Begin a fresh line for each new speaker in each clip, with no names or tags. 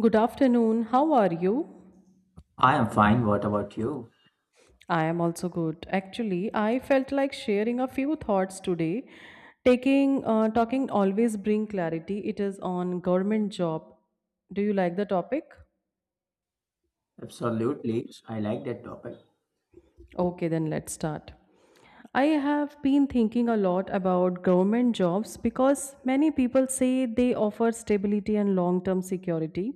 Good afternoon. How are you?
I am fine. What about you?
I am also good. Actually, I felt like sharing a few thoughts today. Taking Talking always bring clarity. It is on government job. Do you like the topic?
Absolutely. I like that topic.
Okay, then let's start. I have been thinking a lot about government jobs because many people say they offer stability and long term security.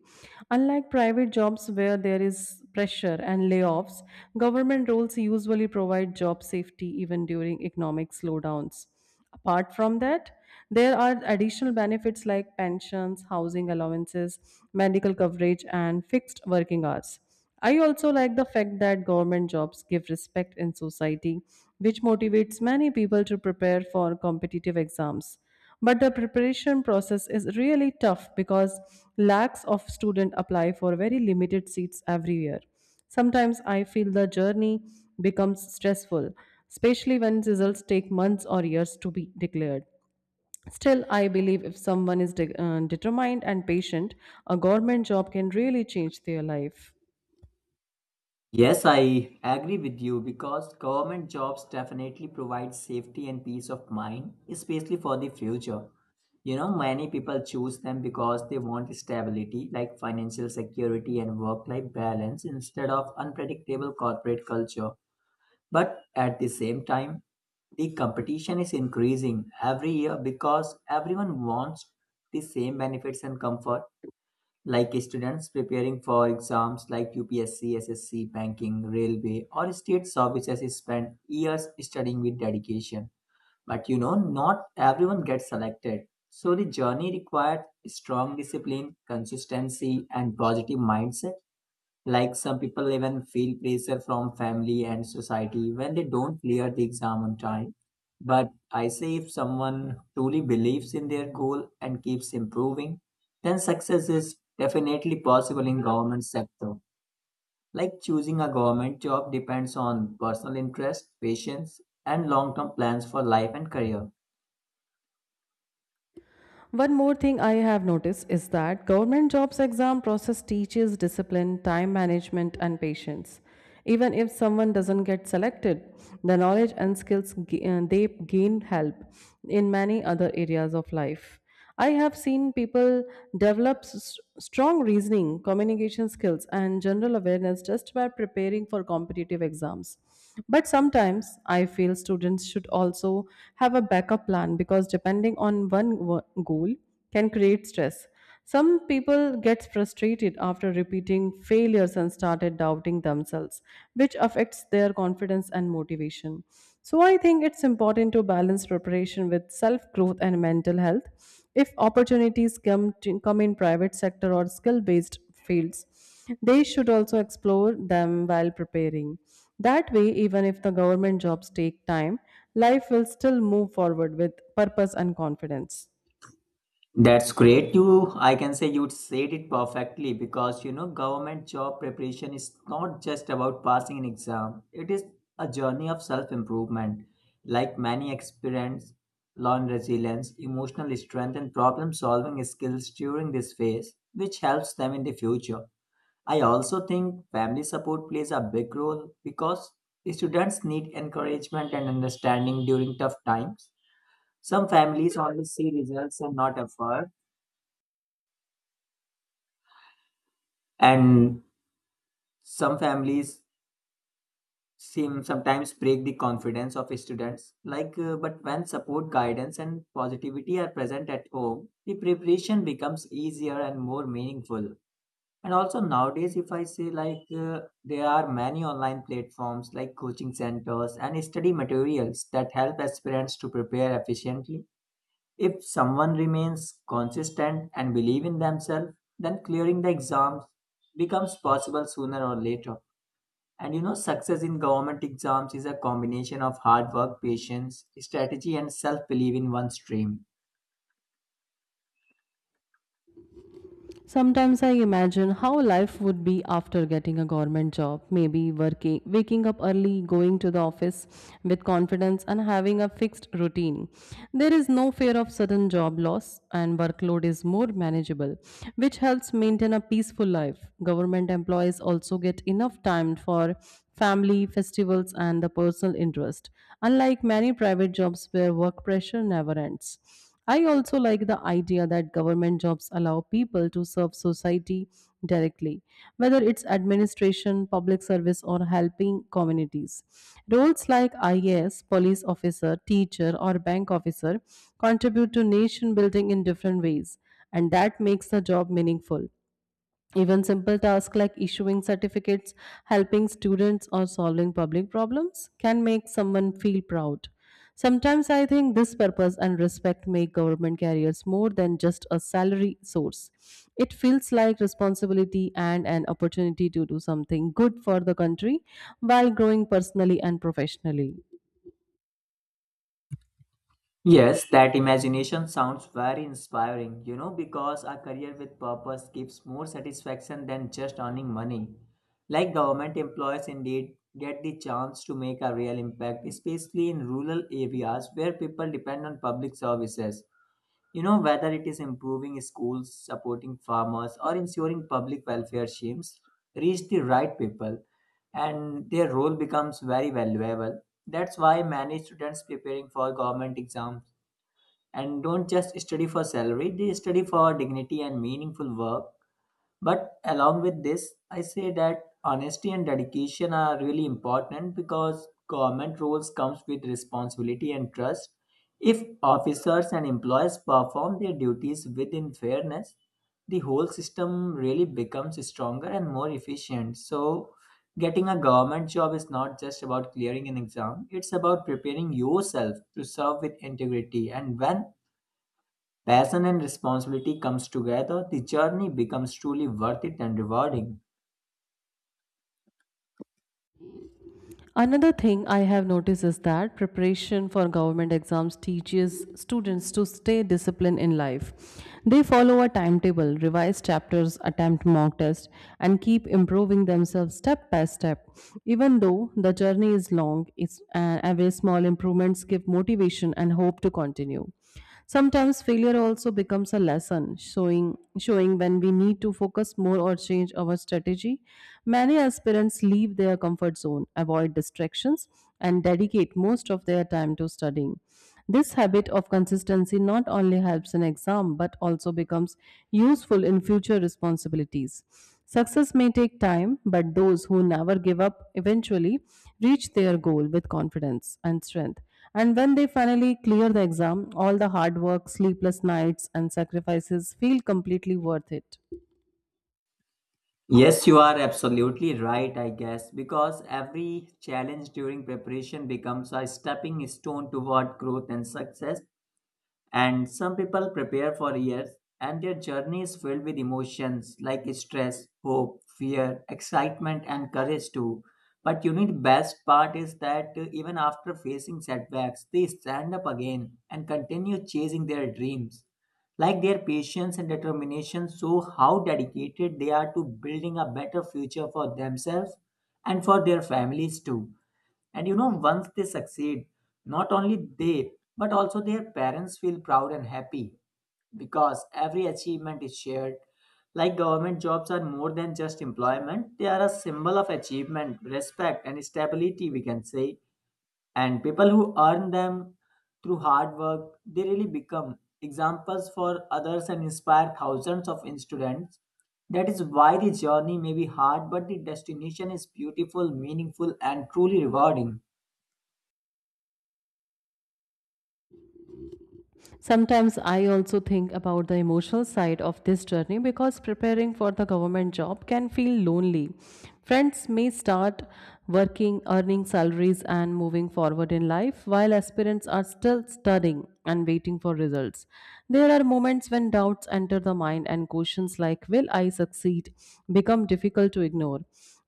Unlike private jobs where there is pressure and layoffs, government roles usually provide job safety even during economic slowdowns. Apart from that, there are additional benefits like pensions, housing allowances, medical coverage, and fixed working hours. I also like the fact that government jobs give respect in society, which motivates many people to prepare for competitive exams. But the preparation process is really tough because lakhs of students apply for very limited seats every year. Sometimes I feel the journey becomes stressful, especially when results take months or years to be declared. Still, I believe if someone is determined and patient, a government job can really change their life.
Yes, I agree with you because government jobs definitely provide safety and peace of mind, especially for the future. You know, many people choose them because they want stability, like financial security and work life balance, instead of unpredictable corporate culture. But at the same time, the competition is increasing every year because everyone wants the same benefits and comfort. Like students preparing for exams like UPSC, SSC, banking, railway, or state services spend years studying with dedication. But you know, not everyone gets selected. So the journey required strong discipline, consistency, and positive mindset. Like some people even feel pressure from family and society when they don't clear the exam on time. But I say if someone truly believes in their goal and keeps improving, then success is definitely possible in government sector. Like choosing a government job depends on personal interest, patience, and long-term plans for life and career.
One more thing I have noticed is that government jobs exam process teaches discipline, time management and patience. Even if someone doesn't get selected, the knowledge and skills they gain help in many other areas of life. I have seen people develop strong reasoning, communication skills, and general awareness just by preparing for competitive exams. But sometimes I feel students should also have a backup plan because depending on one goal can create stress. Some people get frustrated after repeating failures and started doubting themselves, which affects their confidence and motivation. So, I think it's important to balance preparation with self growth and mental health. If opportunities come in private sector or skill based fields, they should also explore them while preparing. That way, even if the government jobs take time, life will still move forward with purpose and confidence.
That's great. You, I can say you said it perfectly because you know, government job preparation is not just about passing an exam, it is a journey of self improvement. Like many experience, learn resilience, emotional strength, and problem solving skills during this phase, which helps them in the future. I also think family support plays a big role because students need encouragement and understanding during tough times. Some families only see results and not effort, and some families seem sometimes break the confidence of students like but when support guidance and positivity are present at home, the preparation becomes easier and more meaningful. And also nowadays, if I say, like there are many online platforms like coaching centers and study materials that help aspirants to prepare efficiently. If someone remains consistent and believe in themselves, then clearing the exams becomes possible sooner or later. And you know, success in government exams is a combination of hard work, patience, strategy, and self belief in one's dream.
Sometimes I imagine how life would be after getting a government job, maybe working, waking up early, going to the office with confidence, and having a fixed routine. There is no fear of sudden job loss, and workload is more manageable, which helps maintain a peaceful life. Government employees also get enough time for family, festivals, and the personal interest, unlike many private jobs where work pressure never ends. I also like the idea that government jobs allow people to serve society directly, whether it's administration, public service, or helping communities. Roles like IAS, police officer, teacher, or bank officer contribute to nation building in different ways, and that makes the job meaningful. Even simple tasks like issuing certificates, helping students, or solving public problems can make someone feel proud. Sometimes I think this purpose and respect make government careers more than just a salary source. It feels like responsibility and an opportunity to do something good for the country while growing personally and professionally.
Yes, that imagination sounds very inspiring, you know, because a career with purpose gives more satisfaction than just earning money. Like government employees indeed get the chance to make a real impact, especially in rural areas where people depend on public services. You know, whether it is improving schools, supporting farmers, or ensuring public welfare schemes reach the right people, and their role becomes very valuable. That's why many students preparing for government exams and don't just study for salary, they study for dignity and meaningful work. But along with this, I say that honesty and dedication are really important because government roles comes with responsibility and trust. If officers and employees perform their duties within fairness, the whole system really becomes stronger and more efficient. So getting a government job is not just about clearing an exam, it's about preparing yourself to serve with integrity, and when passion and responsibility comes together, the journey becomes truly worth it and rewarding.
Another thing I have noticed is that preparation for government exams teaches students to stay disciplined in life. They follow a timetable, revise chapters, attempt mock tests, and keep improving themselves step by step. Even though the journey is long, every small improvements give motivation and hope to continue. Sometimes failure also becomes a lesson, showing when we need to focus more or change our strategy. Many aspirants leave their comfort zone, avoid distractions, and dedicate most of their time to studying. This habit of consistency not only helps in exam but also becomes useful in future responsibilities. Success may take time, but those who never give up eventually reach their goal with confidence and strength. And when they finally clear the exam, all the hard work, sleepless nights, and sacrifices feel completely worth it.
Yes, you are absolutely right, I guess, because every challenge during preparation becomes a stepping stone toward growth and success. And some people prepare for years, and their journey is filled with emotions like stress, hope, fear, excitement, and courage too. But you know, best part is that even after facing setbacks, they stand up again and continue chasing their dreams. Like their patience and determination show how dedicated they are to building a better future for themselves and for their families too. And you know, once they succeed, not only they, but also their parents feel proud and happy because every achievement is shared. Like government jobs are more than just employment, they are a symbol of achievement, respect, and stability, we can say. And people who earn them through hard work, they really become examples for others and inspire thousands of students. That is why the journey may be hard, but the destination is beautiful, meaningful, and truly rewarding.
Sometimes I also think about the emotional side of this journey because preparing for the government job can feel lonely. Friends may start working, earning salaries, and moving forward in life while aspirants are still studying and waiting for results. There are moments when doubts enter the mind and questions like, will I succeed? Become difficult to ignore.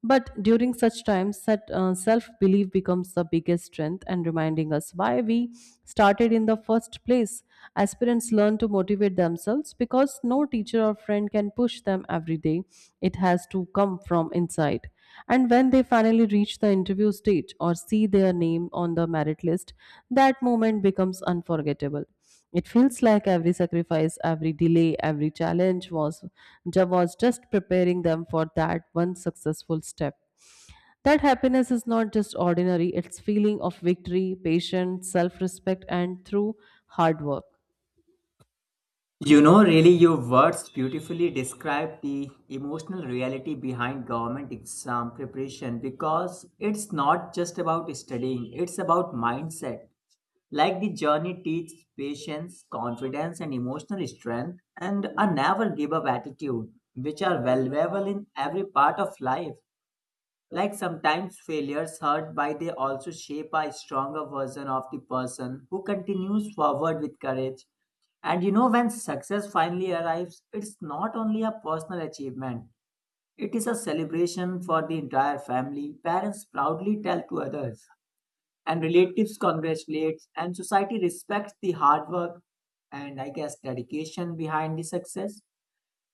But during such times, that self belief becomes the biggest strength and reminding us why we started in the first place. Aspirants learn to motivate themselves because no teacher or friend can push them every day. It has to come from inside. And when they finally reach the interview stage or see their name on the merit list, that moment becomes unforgettable. It feels like every sacrifice, every delay, every challenge was Job was just preparing them for that one successful step. That happiness is not just ordinary, it's feeling of victory, patience, self-respect and through hard work.
You know, really, your words beautifully describe the emotional reality behind government exam preparation because it's not just about studying, it's about mindset. Like the journey teaches patience, confidence, and emotional strength, and a never give up attitude, which are valuable in every part of life. Like sometimes failures hurt, but they also shape a stronger version of the person who continues forward with courage. And you know, when success finally arrives, it's not only a personal achievement, it is a celebration for the entire family. Parents proudly tell to others, and relatives congratulate, and society respects the hard work and I guess dedication behind the success.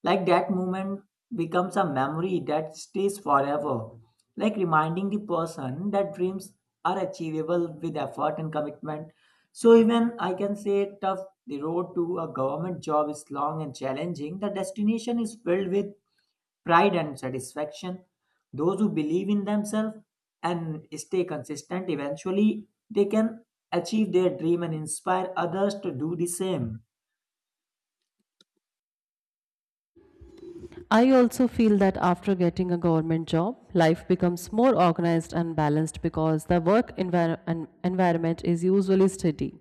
Like that moment becomes a memory that stays forever, like reminding the person that dreams are achievable with effort and commitment. So, even I can say, tough the road to a government job is long and challenging, the destination is filled with pride and satisfaction. Those who believe in themselves and stay consistent eventually they can achieve their dream and inspire others to do the same.
I also feel that after getting a government job, life becomes more organized and balanced because the work environment is usually steady.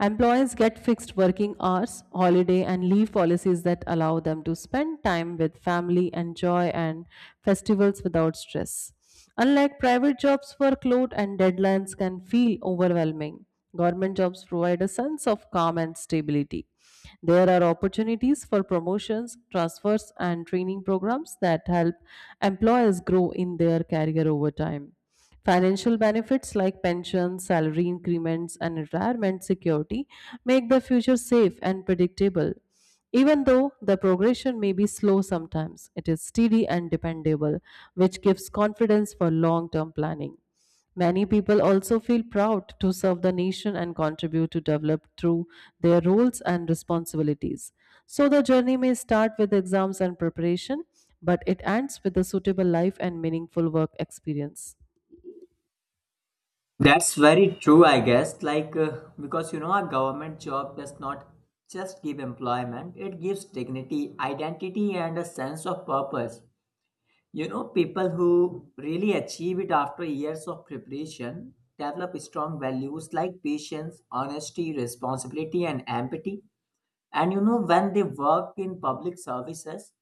Employees get fixed working hours, holiday, and leave policies that allow them to spend time with family, enjoy, and festivals without stress. Unlike private jobs, workload and deadlines can feel overwhelming. Government jobs provide a sense of calm and stability. There are opportunities for promotions, transfers, and training programs that help employers grow in their career over time. Financial benefits like pensions, salary increments, and retirement security make the future safe and predictable. Even though the progression may be slow sometimes, it is steady and dependable, which gives confidence for long term planning. Many people also feel proud to serve the nation and contribute to develop through their roles and responsibilities. So the journey may start with exams and preparation, but it ends with a suitable life and meaningful work experience.
That's very true, I guess. Like, because you know, a government job does not just give employment, it gives dignity, identity, and a sense of purpose. You know, people who really achieve it after years of preparation develop strong values like patience, honesty, responsibility, and empathy. And you know, when they work in public services,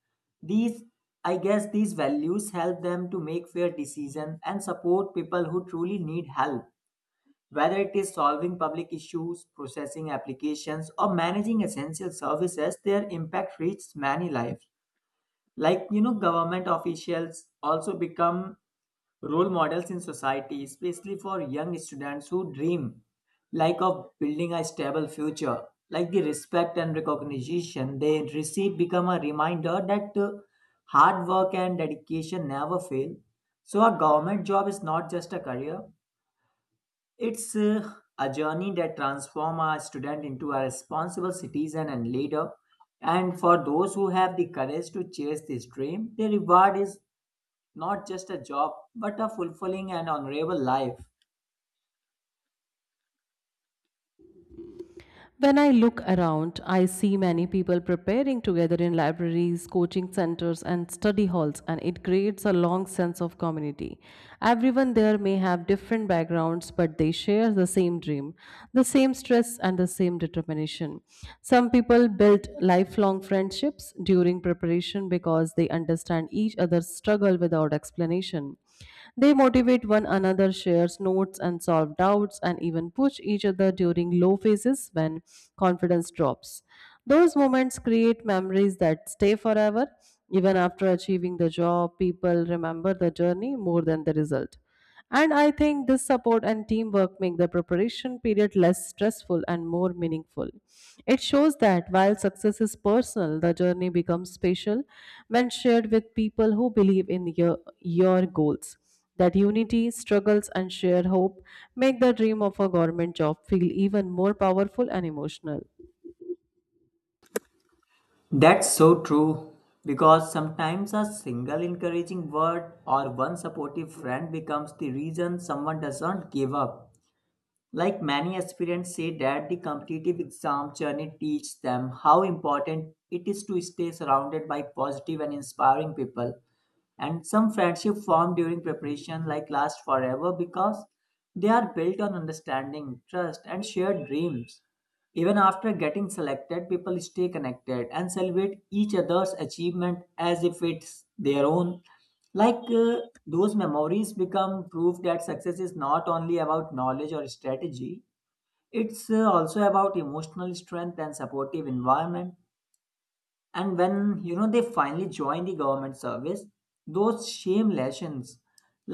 these I guess these values help them to make fair decisions and support people who truly need help. Whether it is solving public issues, processing applications, or managing essential services, their impact reaches many lives. Like, you know, government officials also become role models in society, especially for young students who dream like of building a stable future. Like the respect and recognition they receive become a reminder that hard work and dedication never fail. So a government job is not just a career; it's a journey that transforms a student into a responsible citizen and leader. And for those who have the courage to chase this dream, the reward is not just a job, but a fulfilling and honorable life.
When I look around, I see many people preparing together in libraries, coaching centers, and study halls, and it creates a long sense of community. Everyone there may have different backgrounds, but they share the same dream, the same stress, and the same determination. Some people build lifelong friendships during preparation because they understand each other's struggle without explanation. They motivate one another, shares notes and solve doubts, and even push each other during low phases when confidence drops. Those moments create memories that stay forever. Even after achieving the job, people remember the journey more than the result. And I think this support and teamwork make the preparation period less stressful and more meaningful. It shows that while success is personal, the journey becomes special when shared with people who believe in your goals. That unity, struggles, and shared hope make the dream of a government job feel even more powerful and emotional.
That's so true because sometimes a single encouraging word or one supportive friend becomes the reason someone doesn't give up. Like many aspirants say that the competitive exam journey teaches them how important it is to stay surrounded by positive and inspiring people. And some friendship formed during preparation like last forever because they are built on understanding, trust, and shared dreams. Even after getting selected, people stay connected and celebrate each other's achievement as if it's their own. Like those memories become proof that success is not only about knowledge or strategy, it's also about emotional strength and supportive environment. And when you know they finally join the government service, those shame lessons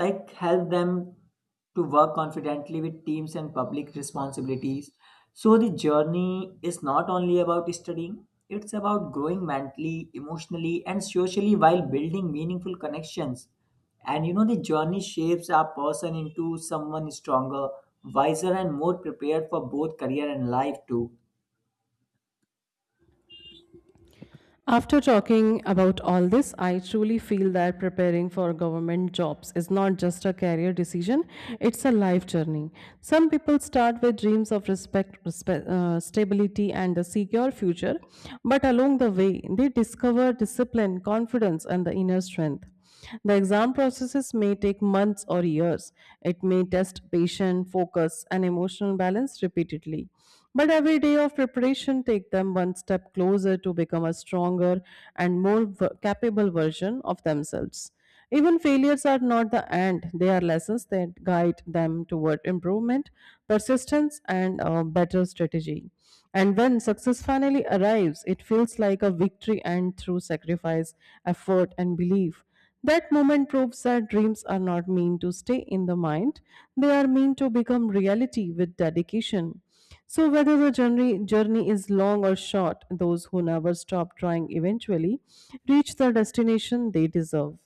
like help them to work confidently with teams and public responsibilities. So the journey is not only about studying, it's about growing mentally, emotionally, and socially while building meaningful connections. And you know, the journey shapes our person into someone stronger, wiser, and more prepared for both career and life too.
After talking about all this, I truly feel that preparing for government jobs is not just a career decision, it's a life journey. Some people start with dreams of respect, stability, and a secure future, but along the way, they discover discipline, confidence, and the inner strength. The exam processes may take months or years. It may test patience, focus, and emotional balance repeatedly. But every day of preparation take them one step closer to become a stronger and more capable version of themselves. Even failures are not the end, they are lessons that guide them toward improvement, persistence, and a better strategy. And when success finally arrives, it feels like a victory and through sacrifice, effort, and belief. That moment proves that dreams are not meant to stay in the mind, they are meant to become reality with dedication. So, whether the journey is long or short, those who never stop trying eventually reach the destination they deserve.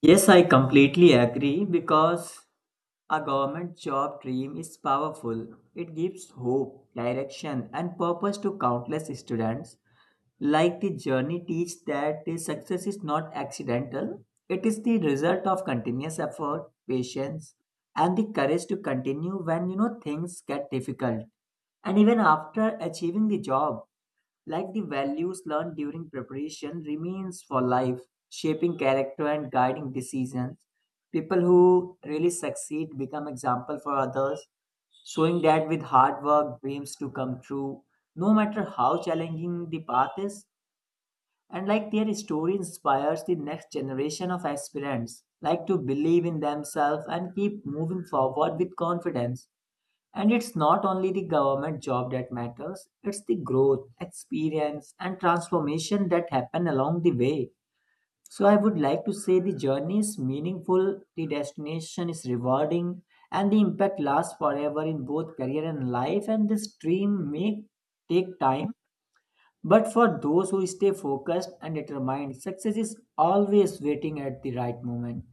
Yes, I completely agree because a government job dream is powerful. It gives hope, direction, and purpose to countless students. Like the journey teaches that the success is not accidental, it is the result of continuous effort, patience, and the courage to continue when you know things get difficult. And even after achieving the job, like the values learned during preparation remains for life, shaping character and guiding decisions. People who really succeed become example for others, showing that with hard work dreams to come true, no matter how challenging the path is. And like their story inspires the next generation of aspirants like to believe in themselves and keep moving forward with confidence. And it's not only the government job that matters, it's the growth, experience, and transformation that happen along the way. So, I would like to say the journey is meaningful, the destination is rewarding, and the impact lasts forever in both career and life. And this dream may take time, but for those who stay focused and determined, success is always waiting at the right moment.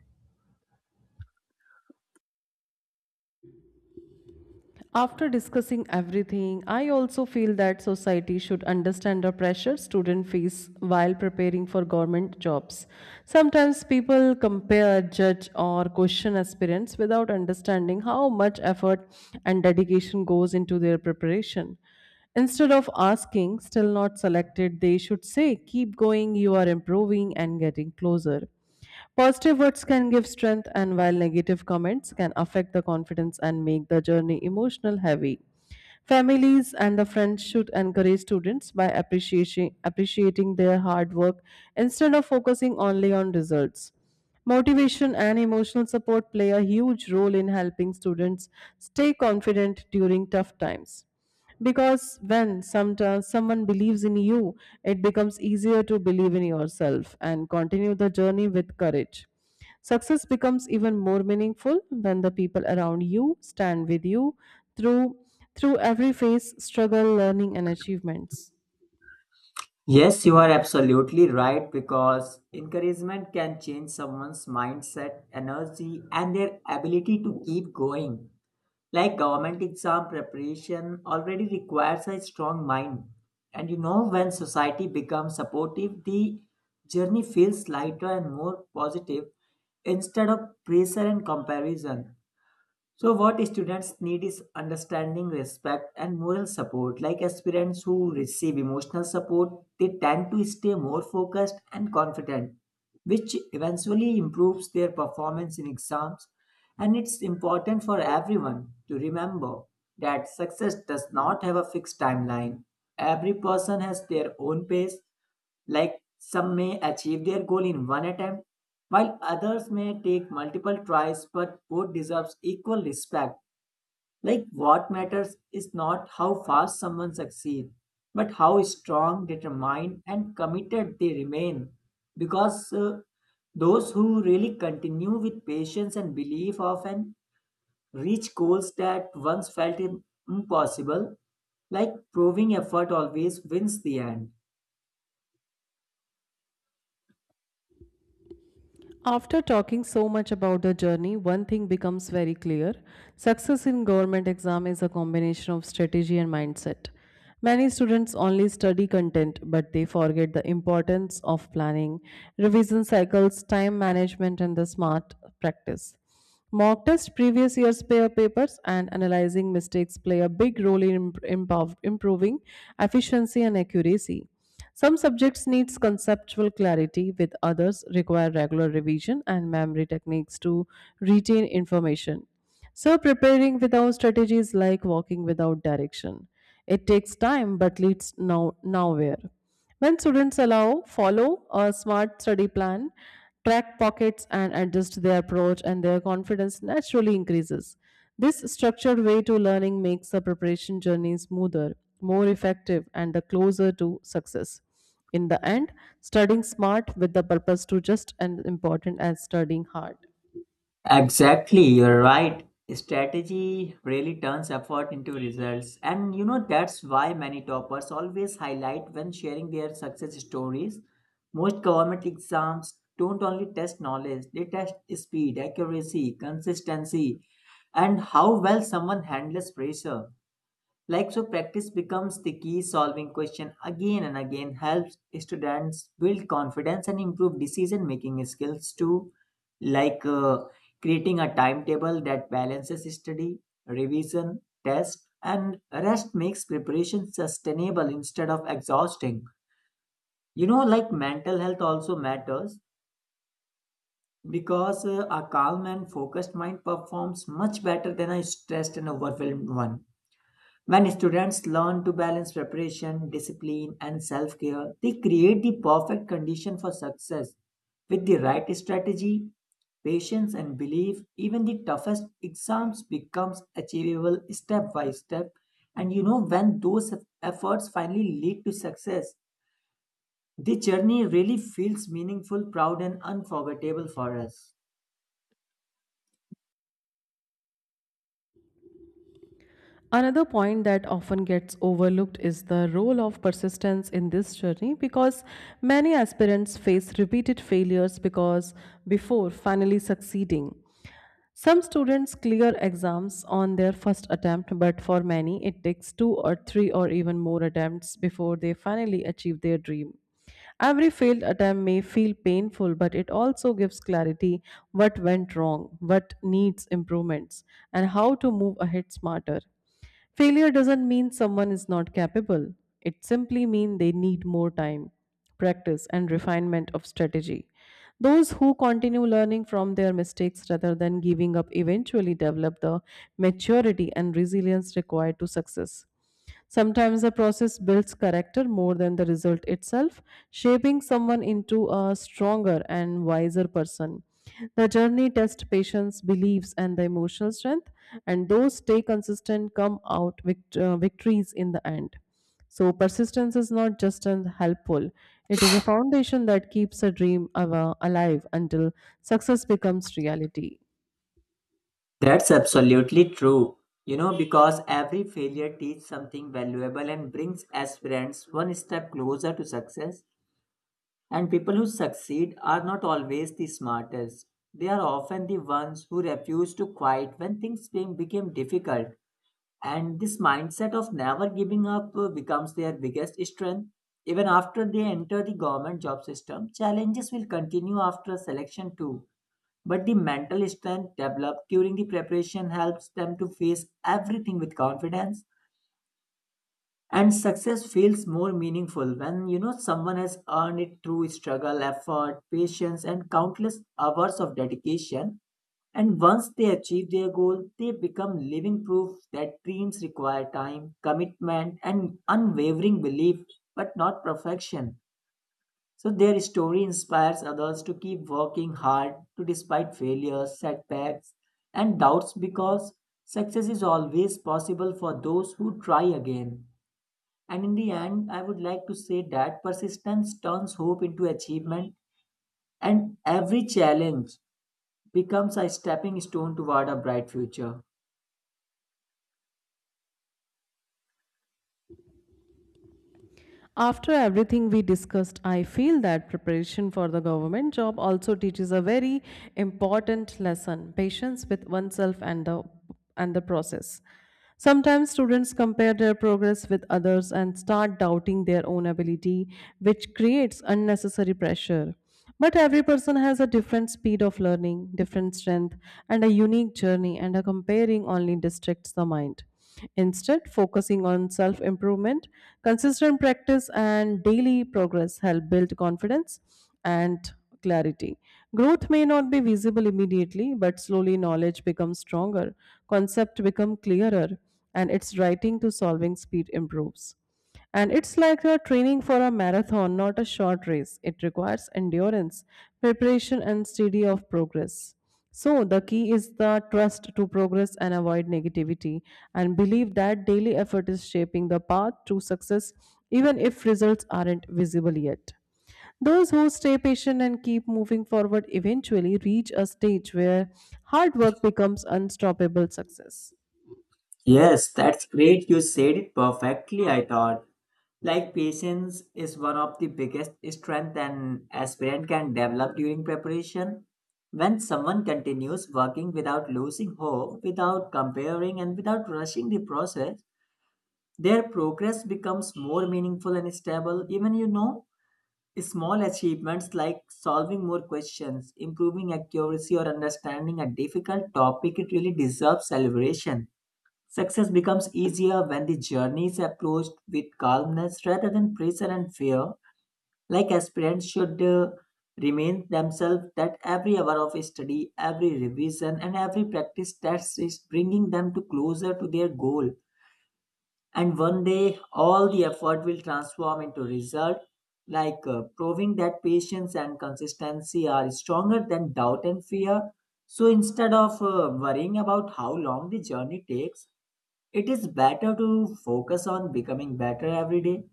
After discussing everything, I also feel that society should understand the pressure students face while preparing for government jobs. Sometimes people compare, judge, or question aspirants without understanding how much effort and dedication goes into their preparation. Instead of asking, still not selected, they should say, keep going, you are improving and getting closer. Positive words can give strength, and while negative comments can affect the confidence and make the journey emotional heavy. Families and the friends should encourage students by appreciating their hard work instead of focusing only on results. Motivation and emotional support play a huge role in helping students stay confident during tough times. Because when sometimes someone believes in you, it becomes easier to believe in yourself and continue the journey with courage. Success becomes even more meaningful when the people around you stand with you through through every phase, struggle, learning and achievements.
Yes, you are absolutely right because encouragement can change someone's mindset, energy, and their ability to keep going. Like government exam preparation already requires a strong mind. And you know, when society becomes supportive, the journey feels lighter and more positive instead of pressure and comparison. So, what students need is understanding, respect, and moral support. Like aspirants who receive emotional support, they tend to stay more focused and confident, which eventually improves their performance in exams. And it's important for everyone to remember that success does not have a fixed timeline. Every person has their own pace, like some may achieve their goal in one attempt, while others may take multiple tries, but both deserves equal respect. Like what matters is not how fast someone succeeds, but how strong, determined, and committed they remain. Because those who really continue with patience and belief often reach goals that once felt impossible, like proving effort always wins the end.
After talking so much about the journey, one thing becomes very clear. Success in government exam is a combination of strategy and mindset. Many students only study content but they forget the importance of planning, revision cycles, time management and the smart practice. Mock test previous year's pair papers and analyzing mistakes play a big role in improving efficiency and accuracy. Some subjects need conceptual clarity with others require regular revision and memory techniques to retain information. So preparing without strategy is like walking without direction. It takes time but leads nowhere. When students allow, follow a smart study plan, track pockets, and adjust their approach, and their confidence naturally increases. This structured way to learning makes the preparation journey smoother, more effective, and the closer to success. In the end, studying smart with the purpose to just as important as studying hard.
Exactly, you're right. Strategy really turns effort into results. And you know, that's why many toppers always highlight when sharing their success stories. Most government exams don't only test knowledge, they test speed, accuracy, consistency, and how well someone handles pressure. Like so, practice becomes the key. Solving question again and again helps students build confidence and improve decision making skills too. Like uh, Creating a timetable that balances study, revision, test, and rest makes preparation sustainable instead of exhausting. You know, like mental health also matters because a calm and focused mind performs much better than a stressed and overwhelmed one. When students learn to balance preparation, discipline, and self care, they create the perfect condition for success. With the right strategy, patience, and belief, even the toughest exams becomes achievable step by step. And you know, when those efforts finally lead to success, the journey really feels meaningful, proud, and unforgettable for us.
Another point that often gets overlooked is the role of persistence in this journey because many aspirants face repeated failures because before finally succeeding. Some students clear exams on their first attempt, but for many it takes two or three or even more attempts before they finally achieve their dream. Every failed attempt may feel painful, but it also gives clarity what went wrong, what needs improvements, and how to move ahead smarter. Failure doesn't mean someone is not capable. It simply means they need more time, practice, and refinement of strategy. Those who continue learning from their mistakes rather than giving up eventually develop the maturity and resilience required to success. Sometimes the process builds character more than the result itself, shaping someone into a stronger and wiser person. The journey tests patience, beliefs, and the emotional strength, and those stay consistent come out victories in the end. So, persistence is not just an helpful, it is a foundation that keeps a dream alive until success becomes reality.
That's absolutely true. You know, because every failure teaches something valuable and brings aspirants one step closer to success. And people who succeed are not always the smartest. They are often the ones who refuse to quit when things became difficult. And this mindset of never giving up becomes their biggest strength. Even after they enter the government job system, challenges will continue after selection too. But the mental strength developed during the preparation helps them to face everything with confidence. And success feels more meaningful when you know someone has earned it through struggle, effort, patience, and countless hours of dedication. And once they achieve their goal, they become living proof that dreams require time, commitment, and unwavering belief, but not perfection. So their story inspires others to keep working hard to despite failures, setbacks, and doubts because success is always possible for those who try again. And in the end, I would like to say that persistence turns hope into achievement, and every challenge becomes a stepping stone toward a bright future.
After everything we discussed, I feel that preparation for the government job also teaches a very important lesson patience with oneself and the process. Sometimes students compare their progress with others and start doubting their own ability, which creates unnecessary pressure. But every person has a different speed of learning, different strength, and a unique journey, and a comparing only distracts the mind. Instead, focusing on self improvement, consistent practice, and daily progress help build confidence and clarity. Growth may not be visible immediately, but slowly knowledge becomes stronger, concept become clearer, and its writing to solving speed improves. And it's like you're training for a marathon, not a short race. It requires endurance, preparation, and steady of progress. So, the key is the trust to progress and avoid negativity, and believe that daily effort is shaping the path to success, even if results aren't visible yet. Those who stay patient and keep moving forward eventually reach a stage where hard work becomes unstoppable success.
Yes, that's great. You said it perfectly, I thought. Like patience is one of the biggest strength an aspirant can develop during preparation. When someone continues working without losing hope, without comparing and without rushing the process, their progress becomes more meaningful and stable. Even you know, small achievements like solving more questions, improving accuracy or understanding a difficult topic, it really deserves celebration. Success becomes easier when the journey is approached with calmness rather than pressure and fear. Like aspirants should remain themselves that every hour of study, every revision, and every practice test is bringing them to closer to their goal. And one day, all the effort will transform into result, proving that patience and consistency are stronger than doubt and fear. So instead of worrying about how long the journey takes, it is better to focus on becoming better every day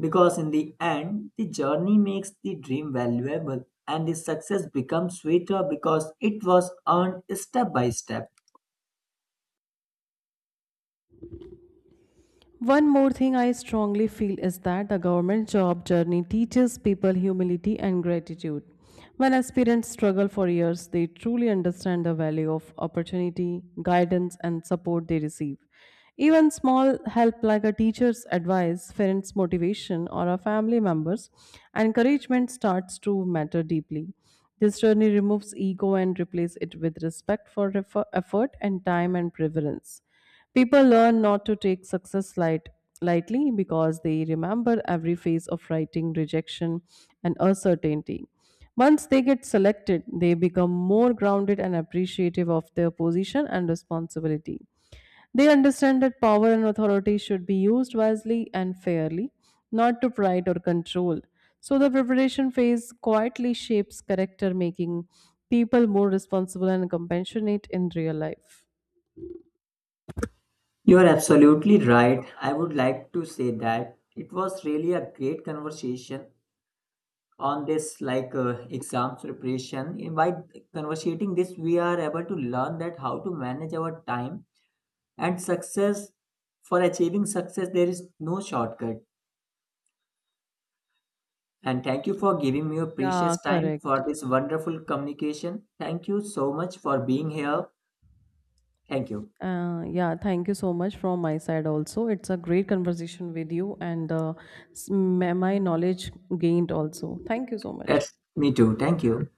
because, in the end, the journey makes the dream valuable and the success becomes sweeter because it was earned step by step.
One more thing I strongly feel is that the government job journey teaches people humility and gratitude. When aspirants struggle for years, they truly understand the value of opportunity, guidance, and support they receive. Even small help like a teacher's advice, friend's motivation, or a family member's encouragement starts to matter deeply. This journey removes ego and replaces it with respect for effort and time and preference. People learn not to take success lightly because they remember every phase of writing, rejection, and uncertainty. Once they get selected, they become more grounded and appreciative of their position and responsibility. They understand that power and authority should be used wisely and fairly, not to pride or control. So, the preparation phase quietly shapes character, making people more responsible and compassionate in real life.
You are absolutely right. I would like to say that it was really a great conversation on this, exams preparation. By conversating this, we are able to learn that how to manage our time and success. For achieving success, there is no shortcut. And thank you for giving me your precious
Yeah,
time
correct.
for this wonderful communication. Thank you so much for being here. Thank you.
Yeah, thank you so much from my side also. It's a great conversation with you and my knowledge gained also. Thank you so much.
That's me too. Thank you.